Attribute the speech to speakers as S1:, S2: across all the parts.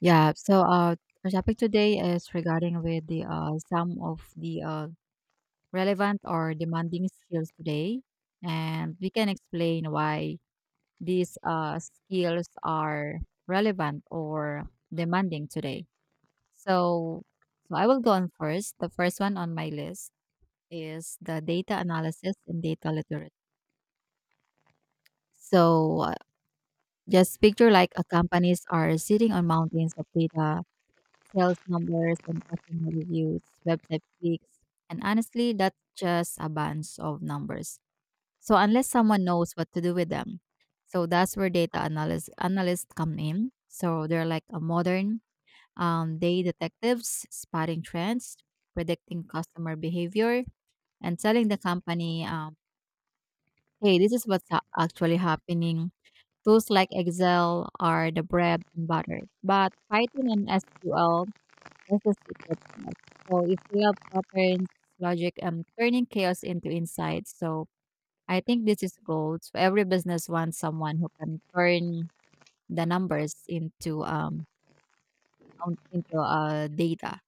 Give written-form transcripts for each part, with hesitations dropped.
S1: Yeah. Our topic today is regarding with the some of the relevant or demanding skills today, and we can explain why these skills are relevant or demanding today. So, so I will go on first. The first one on my list is the data analysis and data literacy. So, uh, just picture like companies are sitting on mountains of data, sales numbers and customer reviews, website clicks, and honestly, that's just a bunch of numbers. So unless someone knows what to do with them, so that's where data analyst analysts come in. So they're like a modern day detectives, spotting trends, predicting customer behavior, and telling the company, "Hey, this is what's actually happening." Tools like Excel are the bread and butter, but Python and SQL, that's the secret sauce. So if you love patterns, logic, and turning chaos into insight, so I think this is gold. So every business wants someone who can turn the numbers into data.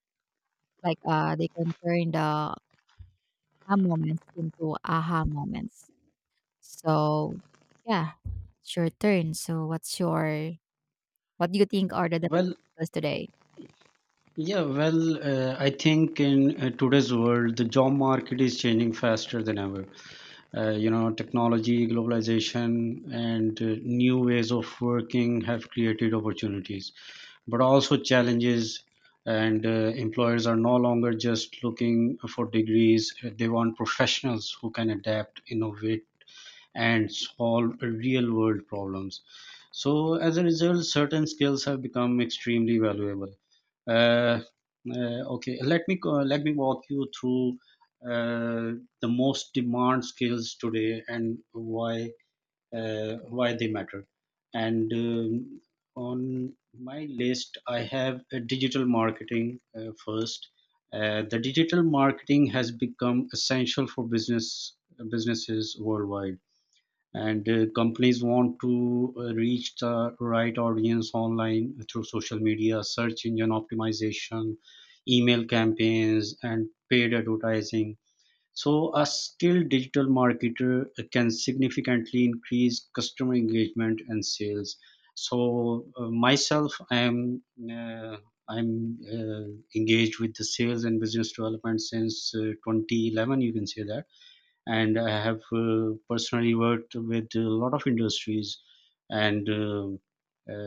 S1: Like they can turn the aha moments into aha moments. So yeah, it's your turn. So what do you think are the
S2: Well,
S1: demands today?
S2: yeah, well, I think in today's world, the job market is changing faster than ever. Technology, globalization, and new ways of working have created opportunities, but also challenges. And Employers are no longer just looking for degrees, they want professionals who can adapt, innovate, and solve real world problems. So, as a result, certain skills have become extremely valuable. Uh, uh, okay, let me walk you through uh, the most demand skills today and why they matter. And On my list, I have digital marketing first. The digital marketing has become essential for businesses worldwide, and companies want to reach the right audience online through social media, search engine optimization, email campaigns, and paid advertising. So a skilled digital marketer can significantly increase customer engagement and sales. So myself i am uh, i'm uh, engaged with the sales and business development since 2011, you can say that, and I have personally worked with a lot of industries and a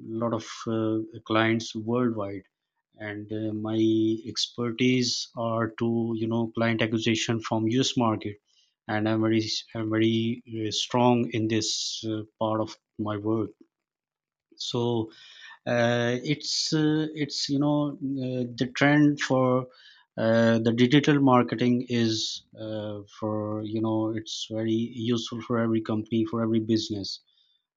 S2: lot of clients worldwide. And my expertise are to, you know, client acquisition from U.S. market, and I'm very strong in this part of my work. So it's you know The trend for the digital marketing is, for you know it's very useful for every company, for every business.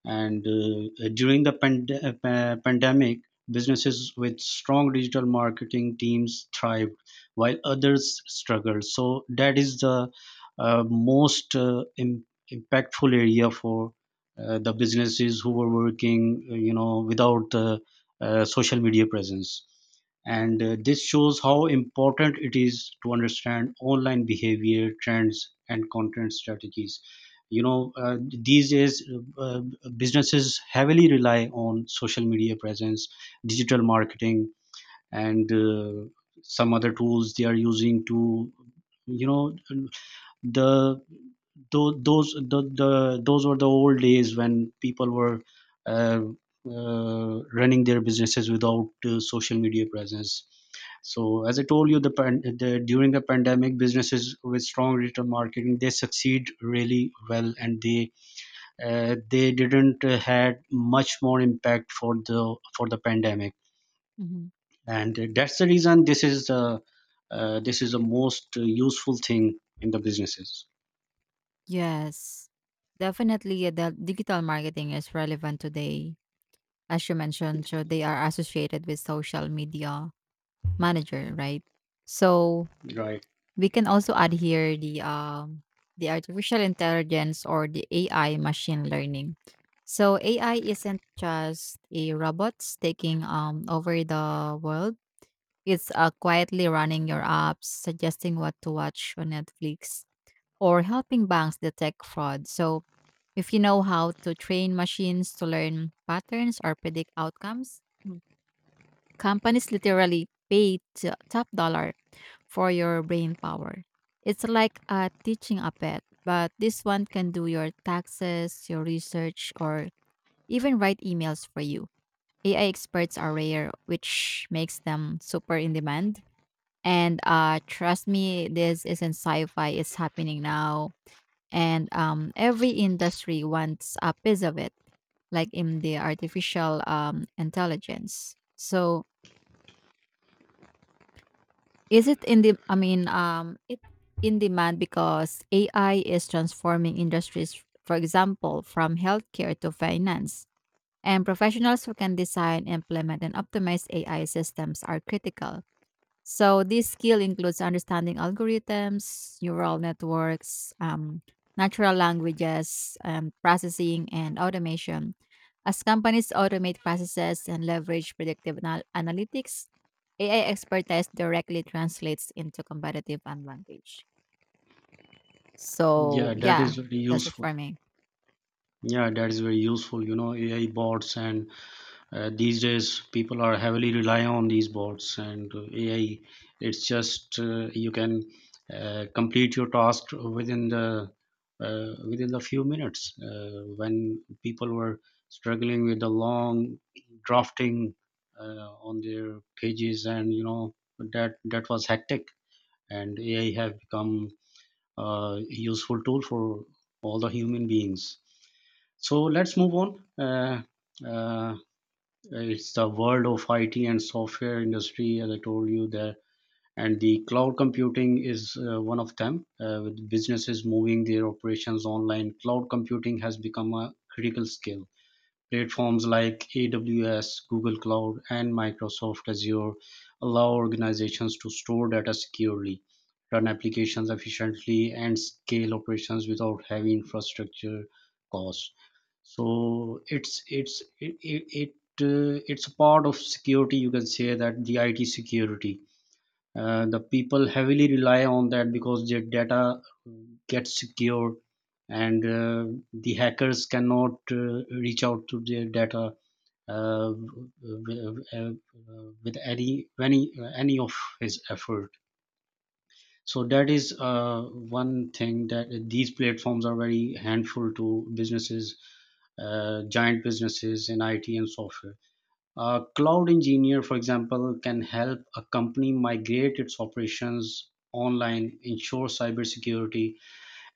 S2: And during the pandemic, businesses with strong digital marketing teams thrived while others struggled. So that is the most impactful area for the businesses who were working without social media presence. And this shows how important it is to understand online behavior trends and content strategies. You know uh, these days uh, uh, businesses heavily rely on social media presence, digital marketing, and some other tools they are using to, you know, the tho- those the those were the old days when people were uh, running their businesses without social media presence. So as I told you, the, pan- the during the pandemic, businesses with strong digital marketing they succeed really well, and they didn't had much more impact for the pandemic.
S1: Mm-hmm.
S2: And that's the reason this is the most useful thing in the businesses,
S1: Yes. Definitely, the digital marketing is relevant today. As you mentioned, so they are associated with social media manager, right? So
S2: right?
S1: we can also add here the artificial intelligence or the AI machine learning. So AI isn't just a robots taking over the world. It's quietly running your apps, suggesting what to watch on Netflix or helping banks detect fraud. So, if you know how to train machines to learn patterns or predict outcomes, Mm, companies literally pay top dollar for your brain power. It's like teaching a pet, but this one can do your taxes, your research, or even write emails for you. AI experts are rare, which makes them super in demand. And trust me, this isn't sci fi, it's happening now, and every industry wants a piece of it, like in the artificial intelligence. So is it in the? I mean, it in demand because AI is transforming industries. For example, from healthcare to finance, and professionals who can design, implement, and optimize AI systems are critical. So this skill includes understanding algorithms, neural networks, natural languages, processing, and automation. As companies automate processes and leverage predictive analytics, AI expertise directly translates into competitive advantage. So
S2: Yeah, that
S1: yeah,
S2: is very
S1: that's it
S2: useful.
S1: for me.
S2: Yeah, that is very useful, you know, AI bots, and these days people are heavily rely on these bots and AI. It's just, you can complete your task within the within the few minutes, when people were struggling with the long drafting on their pages, and, you know, that that was hectic. And AI have become a useful tool for all the human beings. So let's move on. uh, uh, it's the world of IT and software industry, as I told you there. And the cloud computing is one of them. With businesses moving their operations online, cloud computing has become a critical skill. Platforms like AWS, Google Cloud, and Microsoft Azure allow organizations to store data securely, run applications efficiently, and scale operations without heavy infrastructure costs. So it's it it, it it's a part of security. You can say that the IT security. The people heavily rely on that because their data uh, gets secure, and the hackers cannot reach out to their data uh, with, uh, uh, with any of his effort. So that is one thing, that these platforms are very handful to businesses, giant businesses in IT and software. A cloud engineer, for example, can help a company migrate its operations online, ensure cybersecurity,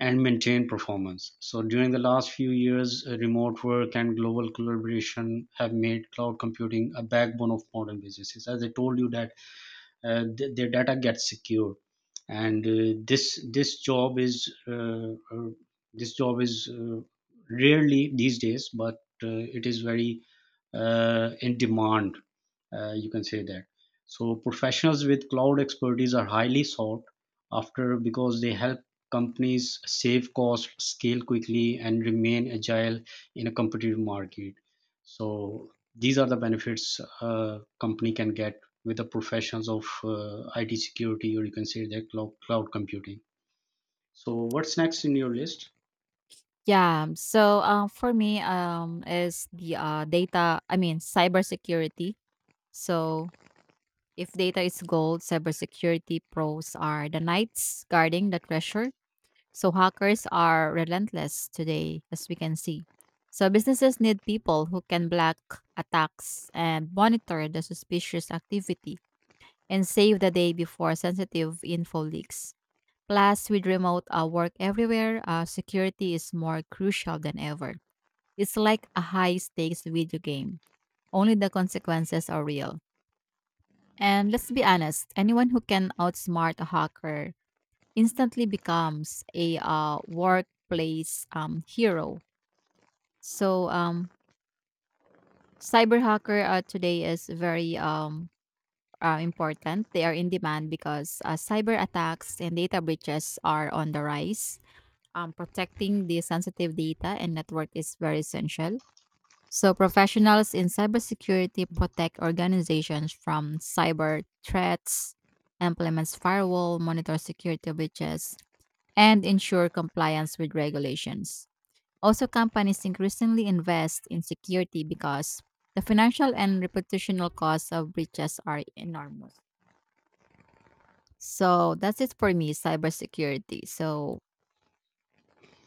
S2: and maintain performance. So, during the last few years, remote work and global collaboration have made cloud computing a backbone of modern businesses. As I told you, that their data gets secured. And this job is rarely these days, but it is very in demand, you can say that. So professionals with cloud expertise are highly sought after because they help companies save cost, scale quickly, and remain agile in a competitive market. So these are the benefits a company can get with the professions of IT security, or you can say the cloud computing. So what's next in your list?
S1: Yeah. So for me, is the cybersecurity. So if data is gold, cybersecurity pros are the knights guarding the treasure. So hackers are relentless today, as we can see. So businesses need people who can block attacks and monitor the suspicious activity and save the day before sensitive info leaks. Plus, with remote work everywhere, security is more crucial than ever. It's like a high stakes video game. Only the consequences are real. And let's be honest, anyone who can outsmart a hacker instantly becomes a workplace hero. So, cyber hacker today is very important. They are in demand because cyber attacks and data breaches are on the rise. Protecting the sensitive data and network is very essential. So, professionals in cybersecurity protect organizations from cyber threats, implements firewall, monitor security breaches, and ensure compliance with regulations. Also, companies increasingly invest in security because the financial and reputational costs of breaches are enormous. So, that's it for me, cybersecurity. So,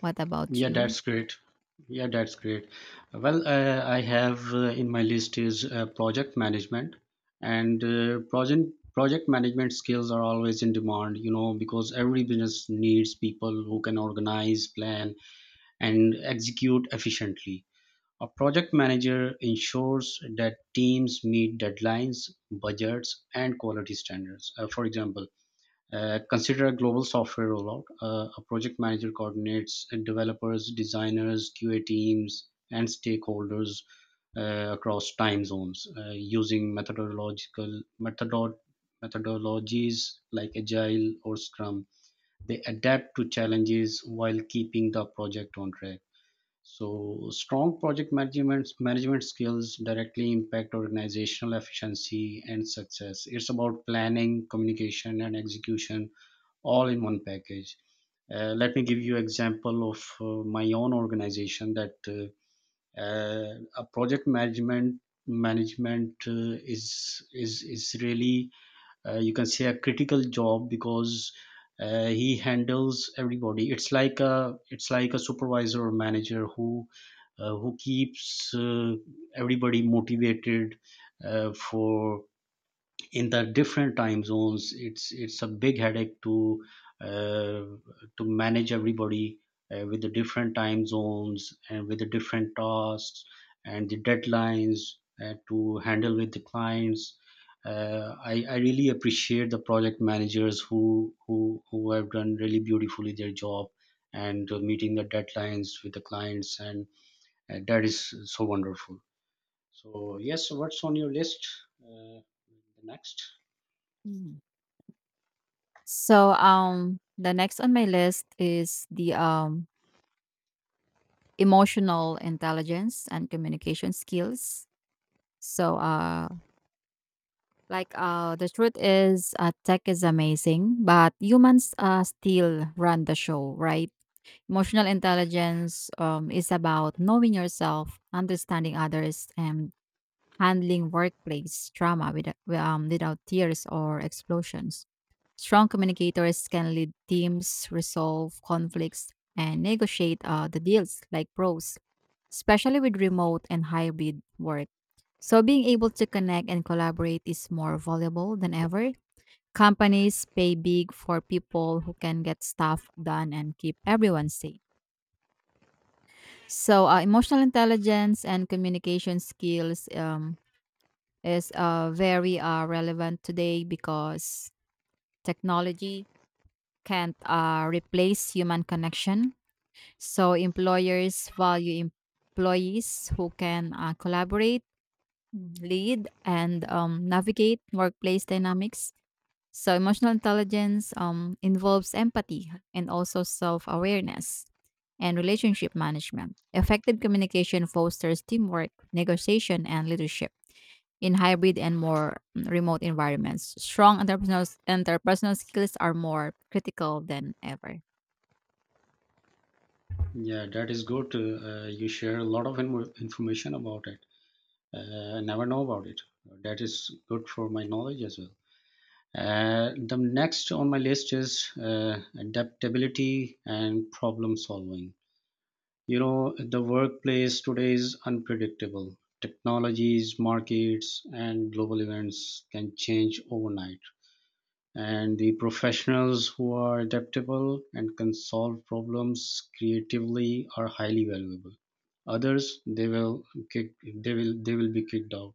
S1: what about
S2: Yeah,
S1: you?
S2: that's great. Yeah, that's great. Well, I have in my list is project management, and uh, project management skills are always in demand. You know, because every business needs people who can organize, plan, and execute efficiently. A project manager ensures that teams meet deadlines, budgets, and quality standards. For example, consider a global software rollout. A project manager coordinates developers, designers, QA teams, and stakeholders across time zones using methodologies like Agile or Scrum. They adapt to challenges while keeping the project on track. So strong project management skills directly impact organizational efficiency and success. It's about planning, communication, and execution all in one package. Let me give you example of my own organization that a project management is really, you can say, a critical job, because he handles everybody. It's like a supervisor or manager who keeps everybody motivated for in the different time zones. It's a big headache uh, to manage everybody with the different time zones and with the different tasks and the deadlines, to handle with the clients. I really appreciate the project managers who have done really beautifully their job, and meeting the deadlines with the clients. And that is so wonderful. So yes, what's on your list, uh, the next?
S1: Mm. So, the next on my list is the emotional intelligence and communication skills. So, uh, the truth is, tech is amazing, but humans still run the show, right? Emotional intelligence is about knowing yourself, understanding others, and handling workplace trauma without, without tears or explosions. Strong communicators can lead teams, resolve conflicts, and negotiate the deals like pros, especially with remote and hybrid work. So, being able to connect and collaborate is more valuable than ever. Companies pay big for people who can get stuff done and keep everyone safe. So, emotional intelligence and communication skills is very relevant today because technology can't replace human connection. So employers value employees who can collaborate, lead, and navigate workplace dynamics. So emotional intelligence involves empathy and also self awareness and relationship management. Effective communication fosters teamwork, negotiation, and leadership in hybrid and more remote environments. Strong interpersonal skills are more critical than ever.
S2: Yeah, that is good. You share a lot of information about it. I never know about it. That is good for my knowledge as well. The next on my list is adaptability and problem solving. You know, the workplace today is unpredictable. Technologies, markets, and global events can change overnight, and the professionals who are adaptable and can solve problems creatively are highly valuable. Others, they will they will be kicked out.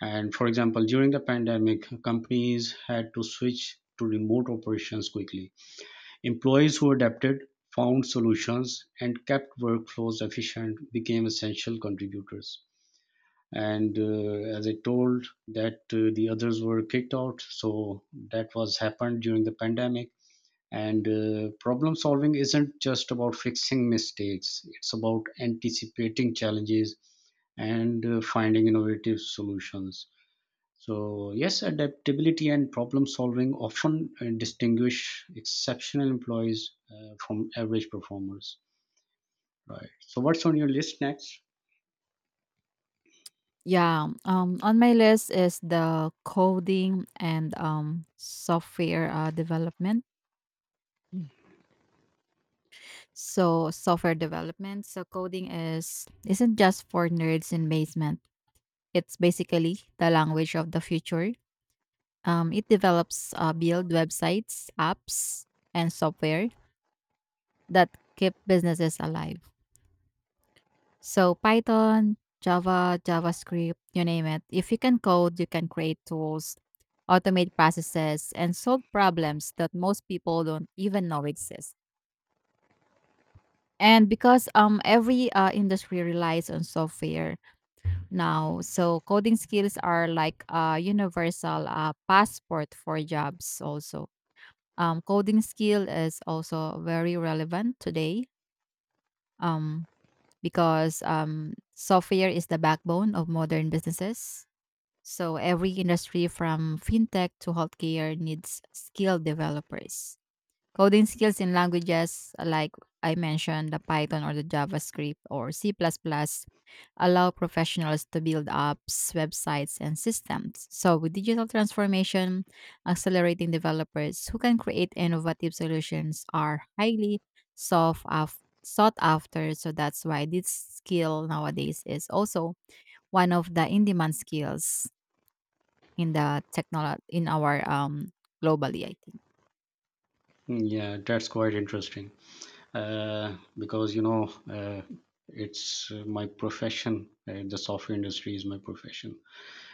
S2: And for example, during the pandemic, companies had to switch to remote operations quickly. Employees who adapted, found solutions and kept workflows efficient became essential contributors. And as I told, that the others were kicked out. So that was happened during the pandemic. And problem solving isn't just about fixing mistakes, it's about anticipating challenges and finding innovative solutions. So yes, adaptability and problem solving often distinguish exceptional employees from average performers, right? So what's on your list next?
S1: Yeah, on my list is the coding and software development. Mm. So software development. So coding is isn't just for nerds in basement. It's basically the language of the future. It develops build websites, apps, and software that keep businesses alive. So Python, Java, JavaScript, you name it. If you can code, you can create tools, automate processes, and solve problems that most people don't even know exist. And because every industry relies on software now, so coding skills are like a universal passport for jobs. Also, coding skill is also very relevant today. Um, because software is the backbone of modern businesses. So every industry from fintech to healthcare needs skilled developers. Coding skills in languages like I mentioned, the Python or the JavaScript or C++ plus, plus allow professionals to build apps, websites, and systems. So with digital transformation, accelerating developers who can create innovative solutions are highly sought af- sought after. So that's why this skill nowadays is also one of the in-demand skills in the technology in our globally, I think.
S2: Hmm, yeah, that's quite interesting, because, you know, uh, it's my profession, the software industry is my profession.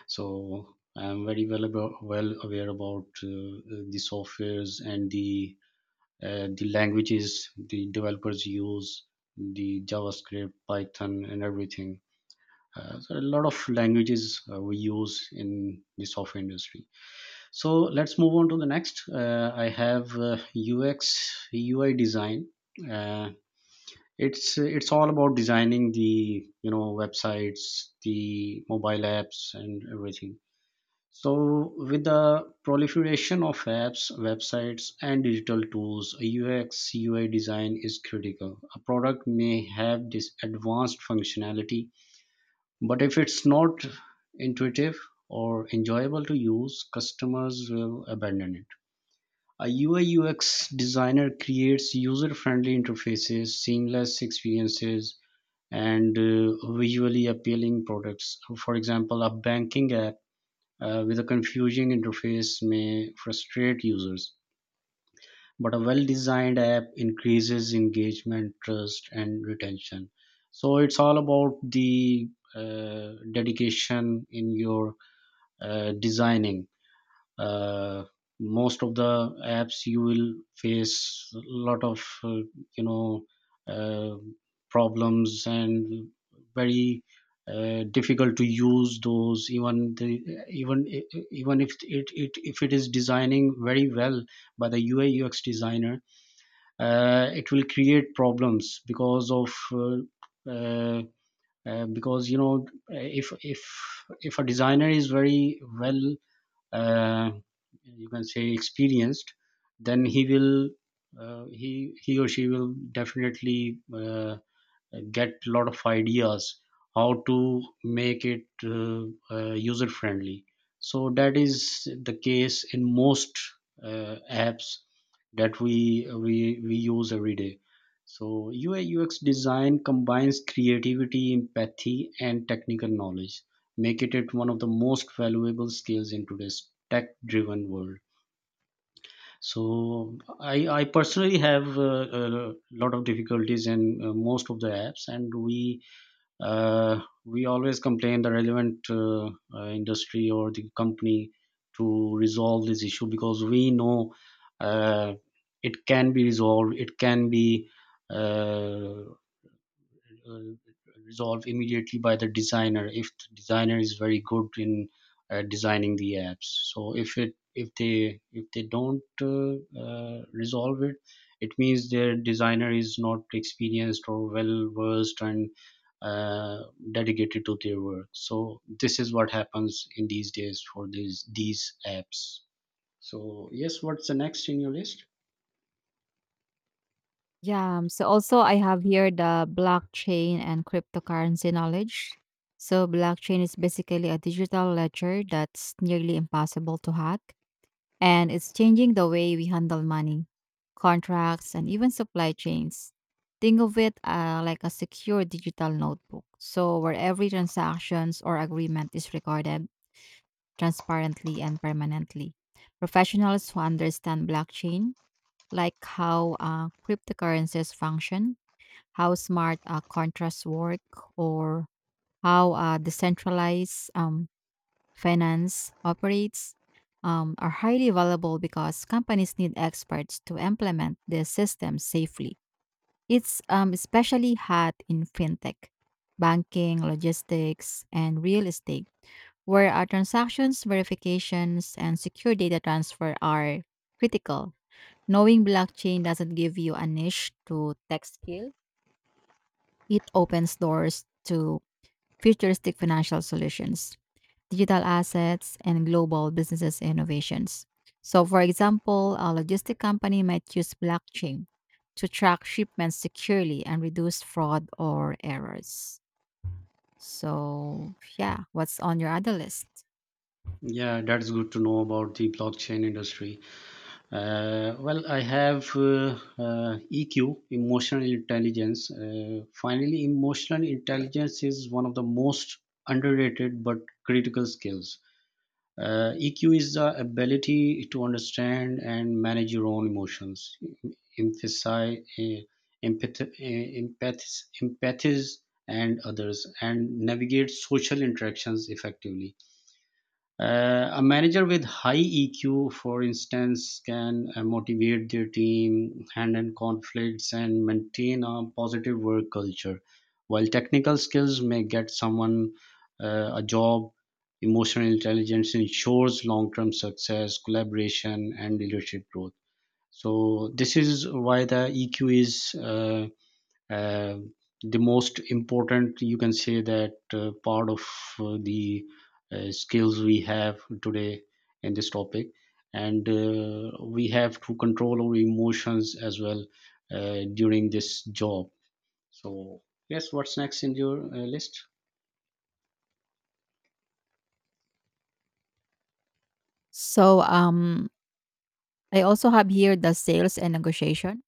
S2: So I'm very well aware about the softwares and the languages the developers use, the JavaScript, Python, and everything. So a lot of languages we use in the software industry. So let's move on to the next. I have UX UI design. Uh, it's all about designing the, you know, websites, the mobile apps, and everything. So, with the proliferation of apps, websites, and digital tools, UX UI design is critical. A product may have this advanced functionality, but if it's not intuitive or enjoyable to use, customers will abandon it. A UI UX designer creates user friendly interfaces, seamless experiences, and visually appealing products. For example, a banking app with a confusing interface may frustrate users, but a well designed app increases engagement, trust, and retention. So it's all about the dedication in your designing. uh, Most of the apps, you will face a lot of you know uh, problems and very difficult to use those, even the even if it, it if it is designing very well by the UI UX designer. It will create problems because of because if a designer is very well, uh, you can say experienced, then he will he or she will definitely get a lot of ideas how to make it user friendly. So that is the case in most apps that we use every day. So UI UX design combines creativity, empathy, and technical knowledge, making it one of the most valuable skills in today's tech driven world. So I personally have a lot of difficulties in most of the apps, and uh, we always complain the relevant industry or the company to resolve this issue, because we know uh, it can be resolved, it can be uh, uh, resolved immediately by the designer if the designer is very good in designing the apps. So if it if they don't resolve it, it means their designer is not experienced or well versed and uh, dedicated to their work. So this is what happens in these days for these apps. So yes, what's the next in your list?
S1: Yeah. So also I have here the blockchain and cryptocurrency knowledge. So blockchain is basically a digital ledger that's nearly impossible to hack, and it's changing the way we handle money, contracts and even supply chains. Think of it like a secure digital notebook. So where every transactions or agreement is recorded transparently and permanently. Professionals who understand blockchain, like how cryptocurrencies function, how smart contracts work, or how decentralized finance operates, are highly valuable because companies need experts to implement their systems safely. It's especially hot in fintech, banking, logistics, and real estate where our transactions, verifications, and secure data transfer are critical. Knowing blockchain doesn't give you a niche to tech skill, it opens doors to futuristic financial solutions, digital assets, and global businesses innovations. So, for example, a logistic company might use blockchain to track shipments securely and reduce fraud or errors. So, yeah, what's on your other list?
S2: Yeah, that's good to know about the blockchain industry. Well, I have EQ, emotional intelligence. Finally, emotional intelligence is one of the most underrated but critical skills. EQ is the ability to understand and manage your own emotions, emphasize, empath, eh, empath, empathize, and others, and navigate social interactions effectively. A manager with high EQ, for instance, can motivate their team, handle conflicts, and maintain a positive work culture. While technical skills may get someone a job, emotional intelligence ensures long term success, collaboration, and leadership growth. So this is why the EQ is uh, the most important, you can say, that part of the skills we have today in this topic. And we have to control our emotions as well during this job. So yes, what's next in your list?
S1: So, I also have here the sales and negotiation.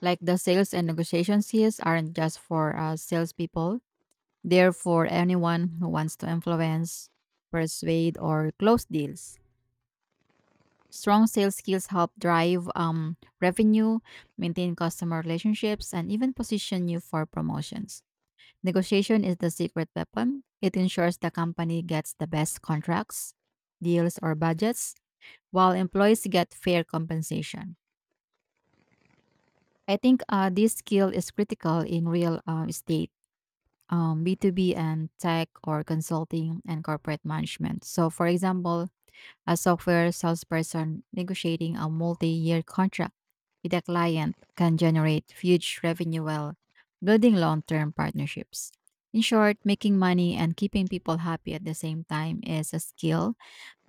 S1: Like the sales and negotiation skills aren't just for salespeople, they're for anyone who wants to influence, persuade, or close deals. Strong sales skills help drive revenue, maintain customer relationships, and even position you for promotions. Negotiation is the secret weapon. It ensures the company gets the best contracts, deals, or budgets, while employees get fair compensation. I think this skill is critical in real estate, B2B and tech or consulting and corporate management. So, for example, a software salesperson negotiating a multi year contract with a client can generate huge revenue while building long term partnerships. In short, making money and keeping people happy at the same time is a skill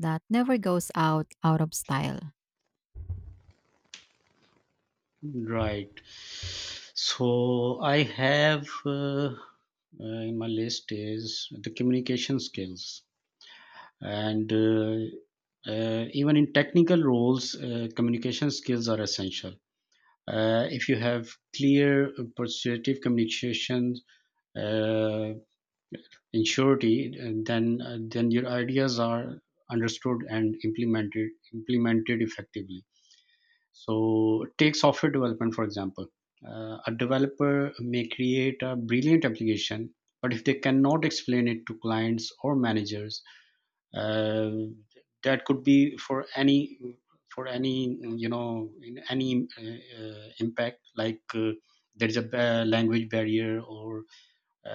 S1: that never goes out of style.
S2: Right. So I have in my list is the communication skills. And even in technical roles, communication skills are essential. If you have clear persuasive communication, uh, in surety, and then your ideas are understood and implemented effectively. So take software development, for example. A developer may create a brilliant application, but if they cannot explain it to clients or managers, uh, that could be for any you know, in any impact, like there's a language barrier, or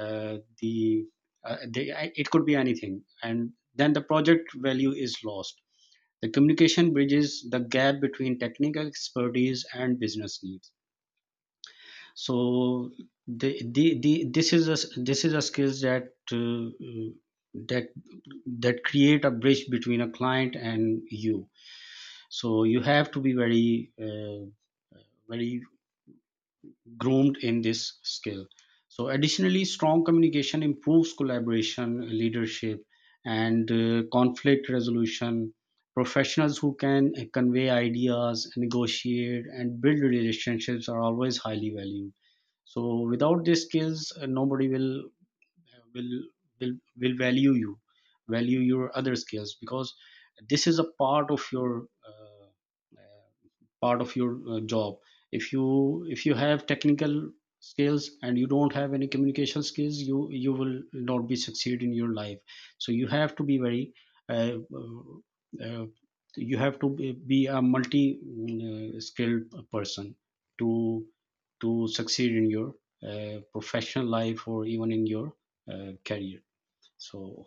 S2: uh, the it could be anything, and then the project value is lost. The communication bridges the gap between technical expertise and business needs. So the this is a this is a skills that that create a bridge between a client and you. So you have to be very very groomed in this skill. So additionally, strong communication improves collaboration, leadership, and conflict resolution. Professionals who can convey ideas, negotiate, and build relationships are always highly valued. So without these skills, nobody will will will value you, value your other skills, because this is a uh, part of your job. If you have technical skills and you don't have any communication skills, you will not be succeed in your life. So you have to be very uh, uh, uh, you have to be a multi skilled person to to succeed in your professional life, or even in your career. So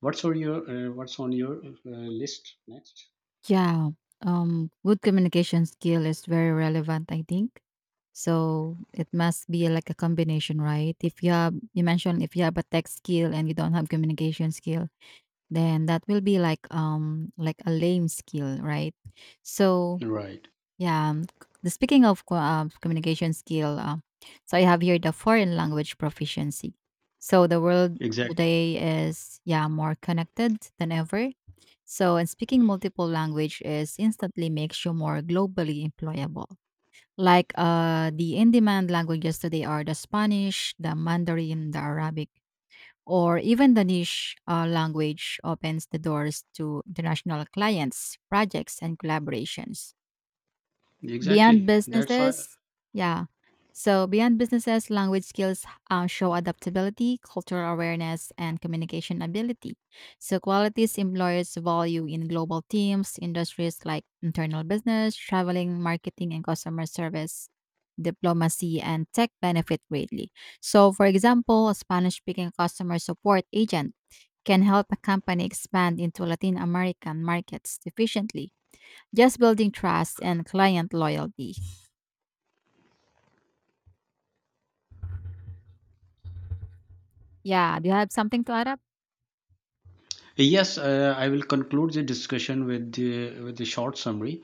S2: what's on your list next?
S1: Yeah, good communication skill is very relevant, I think. So it must be like a combination, right? If you have, you mentioned if you have a tech skill and you don't have communication skill, then that will be like a lame skill, right? So
S2: Right.
S1: yeah. The speaking of communication skill, I have here the foreign language proficiency. So the world
S2: Exactly.
S1: today is more connected than ever. So and speaking multiple language is instantly makes you more globally employable. Like the in-demand languages today are the Spanish, the Mandarin, the Arabic, or even the niche language opens the doors to international clients, projects, and collaborations. Beyond
S2: Exactly. That's why.
S1: businesses, yeah. So beyond businesses, language skills show adaptability, cultural awareness, and communication ability. So qualities employers value in global teams, industries like internal business, traveling, marketing, and customer service, diplomacy, and tech benefit greatly. So, for example, a Spanish-speaking customer support agent can help a company expand into Latin American markets efficiently, just building trust and client loyalty. Yeah. Do you have something to add up?
S2: Yes, I will conclude the discussion with the short summary.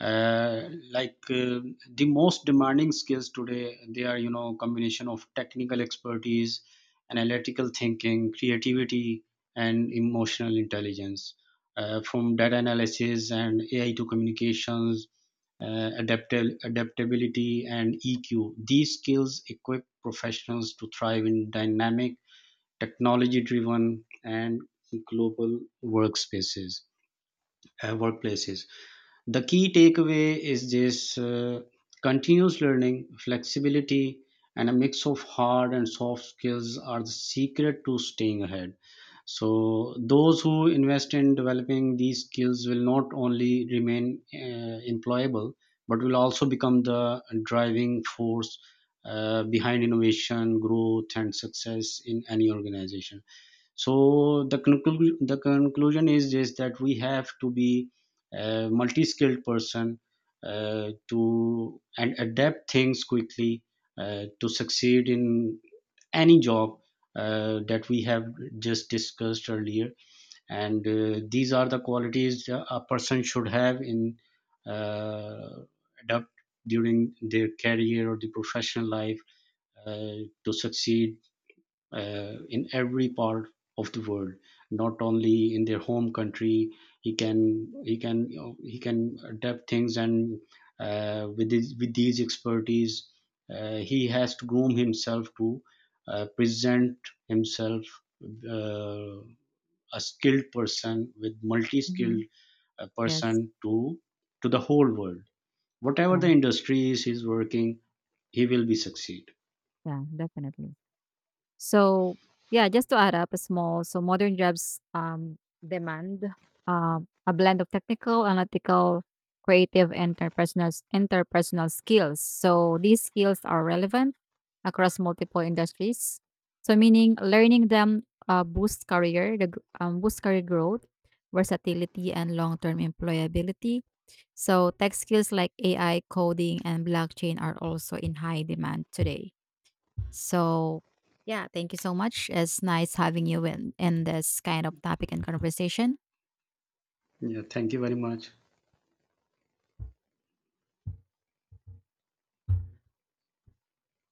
S2: Like, the most demanding skills today, they are, you know, combination of technical expertise, analytical thinking, creativity, and emotional intelligence. From data analysis and AI to communications, adaptability and EQ. These skills equip professionals to thrive in dynamic, technology-driven, and global workspaces, workplaces. The key takeaway is this: continuous learning, flexibility, and a mix of hard and soft skills are the secret to staying ahead. So those who invest in developing these skills will not only remain employable, but will also become the driving force behind innovation, growth, and success in any organization. So the the conclusion is just that we have to be a multi-skilled person to and adapt things quickly to succeed in any job that we have just discussed earlier. And these are the qualities a person should have in uh, adapt during their career or the professional life to succeed in every part of the world, not only in their home country. He can you know, he can adapt things, and with these expertise, he has to groom himself to present himself, uh, a skilled person, with multi-skilled
S1: Mhm. Yes.
S2: person, to the whole world, whatever
S1: Yeah.
S2: the industries he's working, he will be succeed.
S1: Yeah. Definitely. So yeah, just to add up a small, so modern jobs demand a blend of technical, analytical, creative, and interpersonal skills. So these skills are relevant across multiple industries. So meaning learning them boosts career growth, versatility, and long-term employability. So tech skills like AI, coding, and blockchain are also in high demand today. So yeah, thank you so much. It's nice having you in this kind of topic and conversation.
S2: Yeah, thank you very much.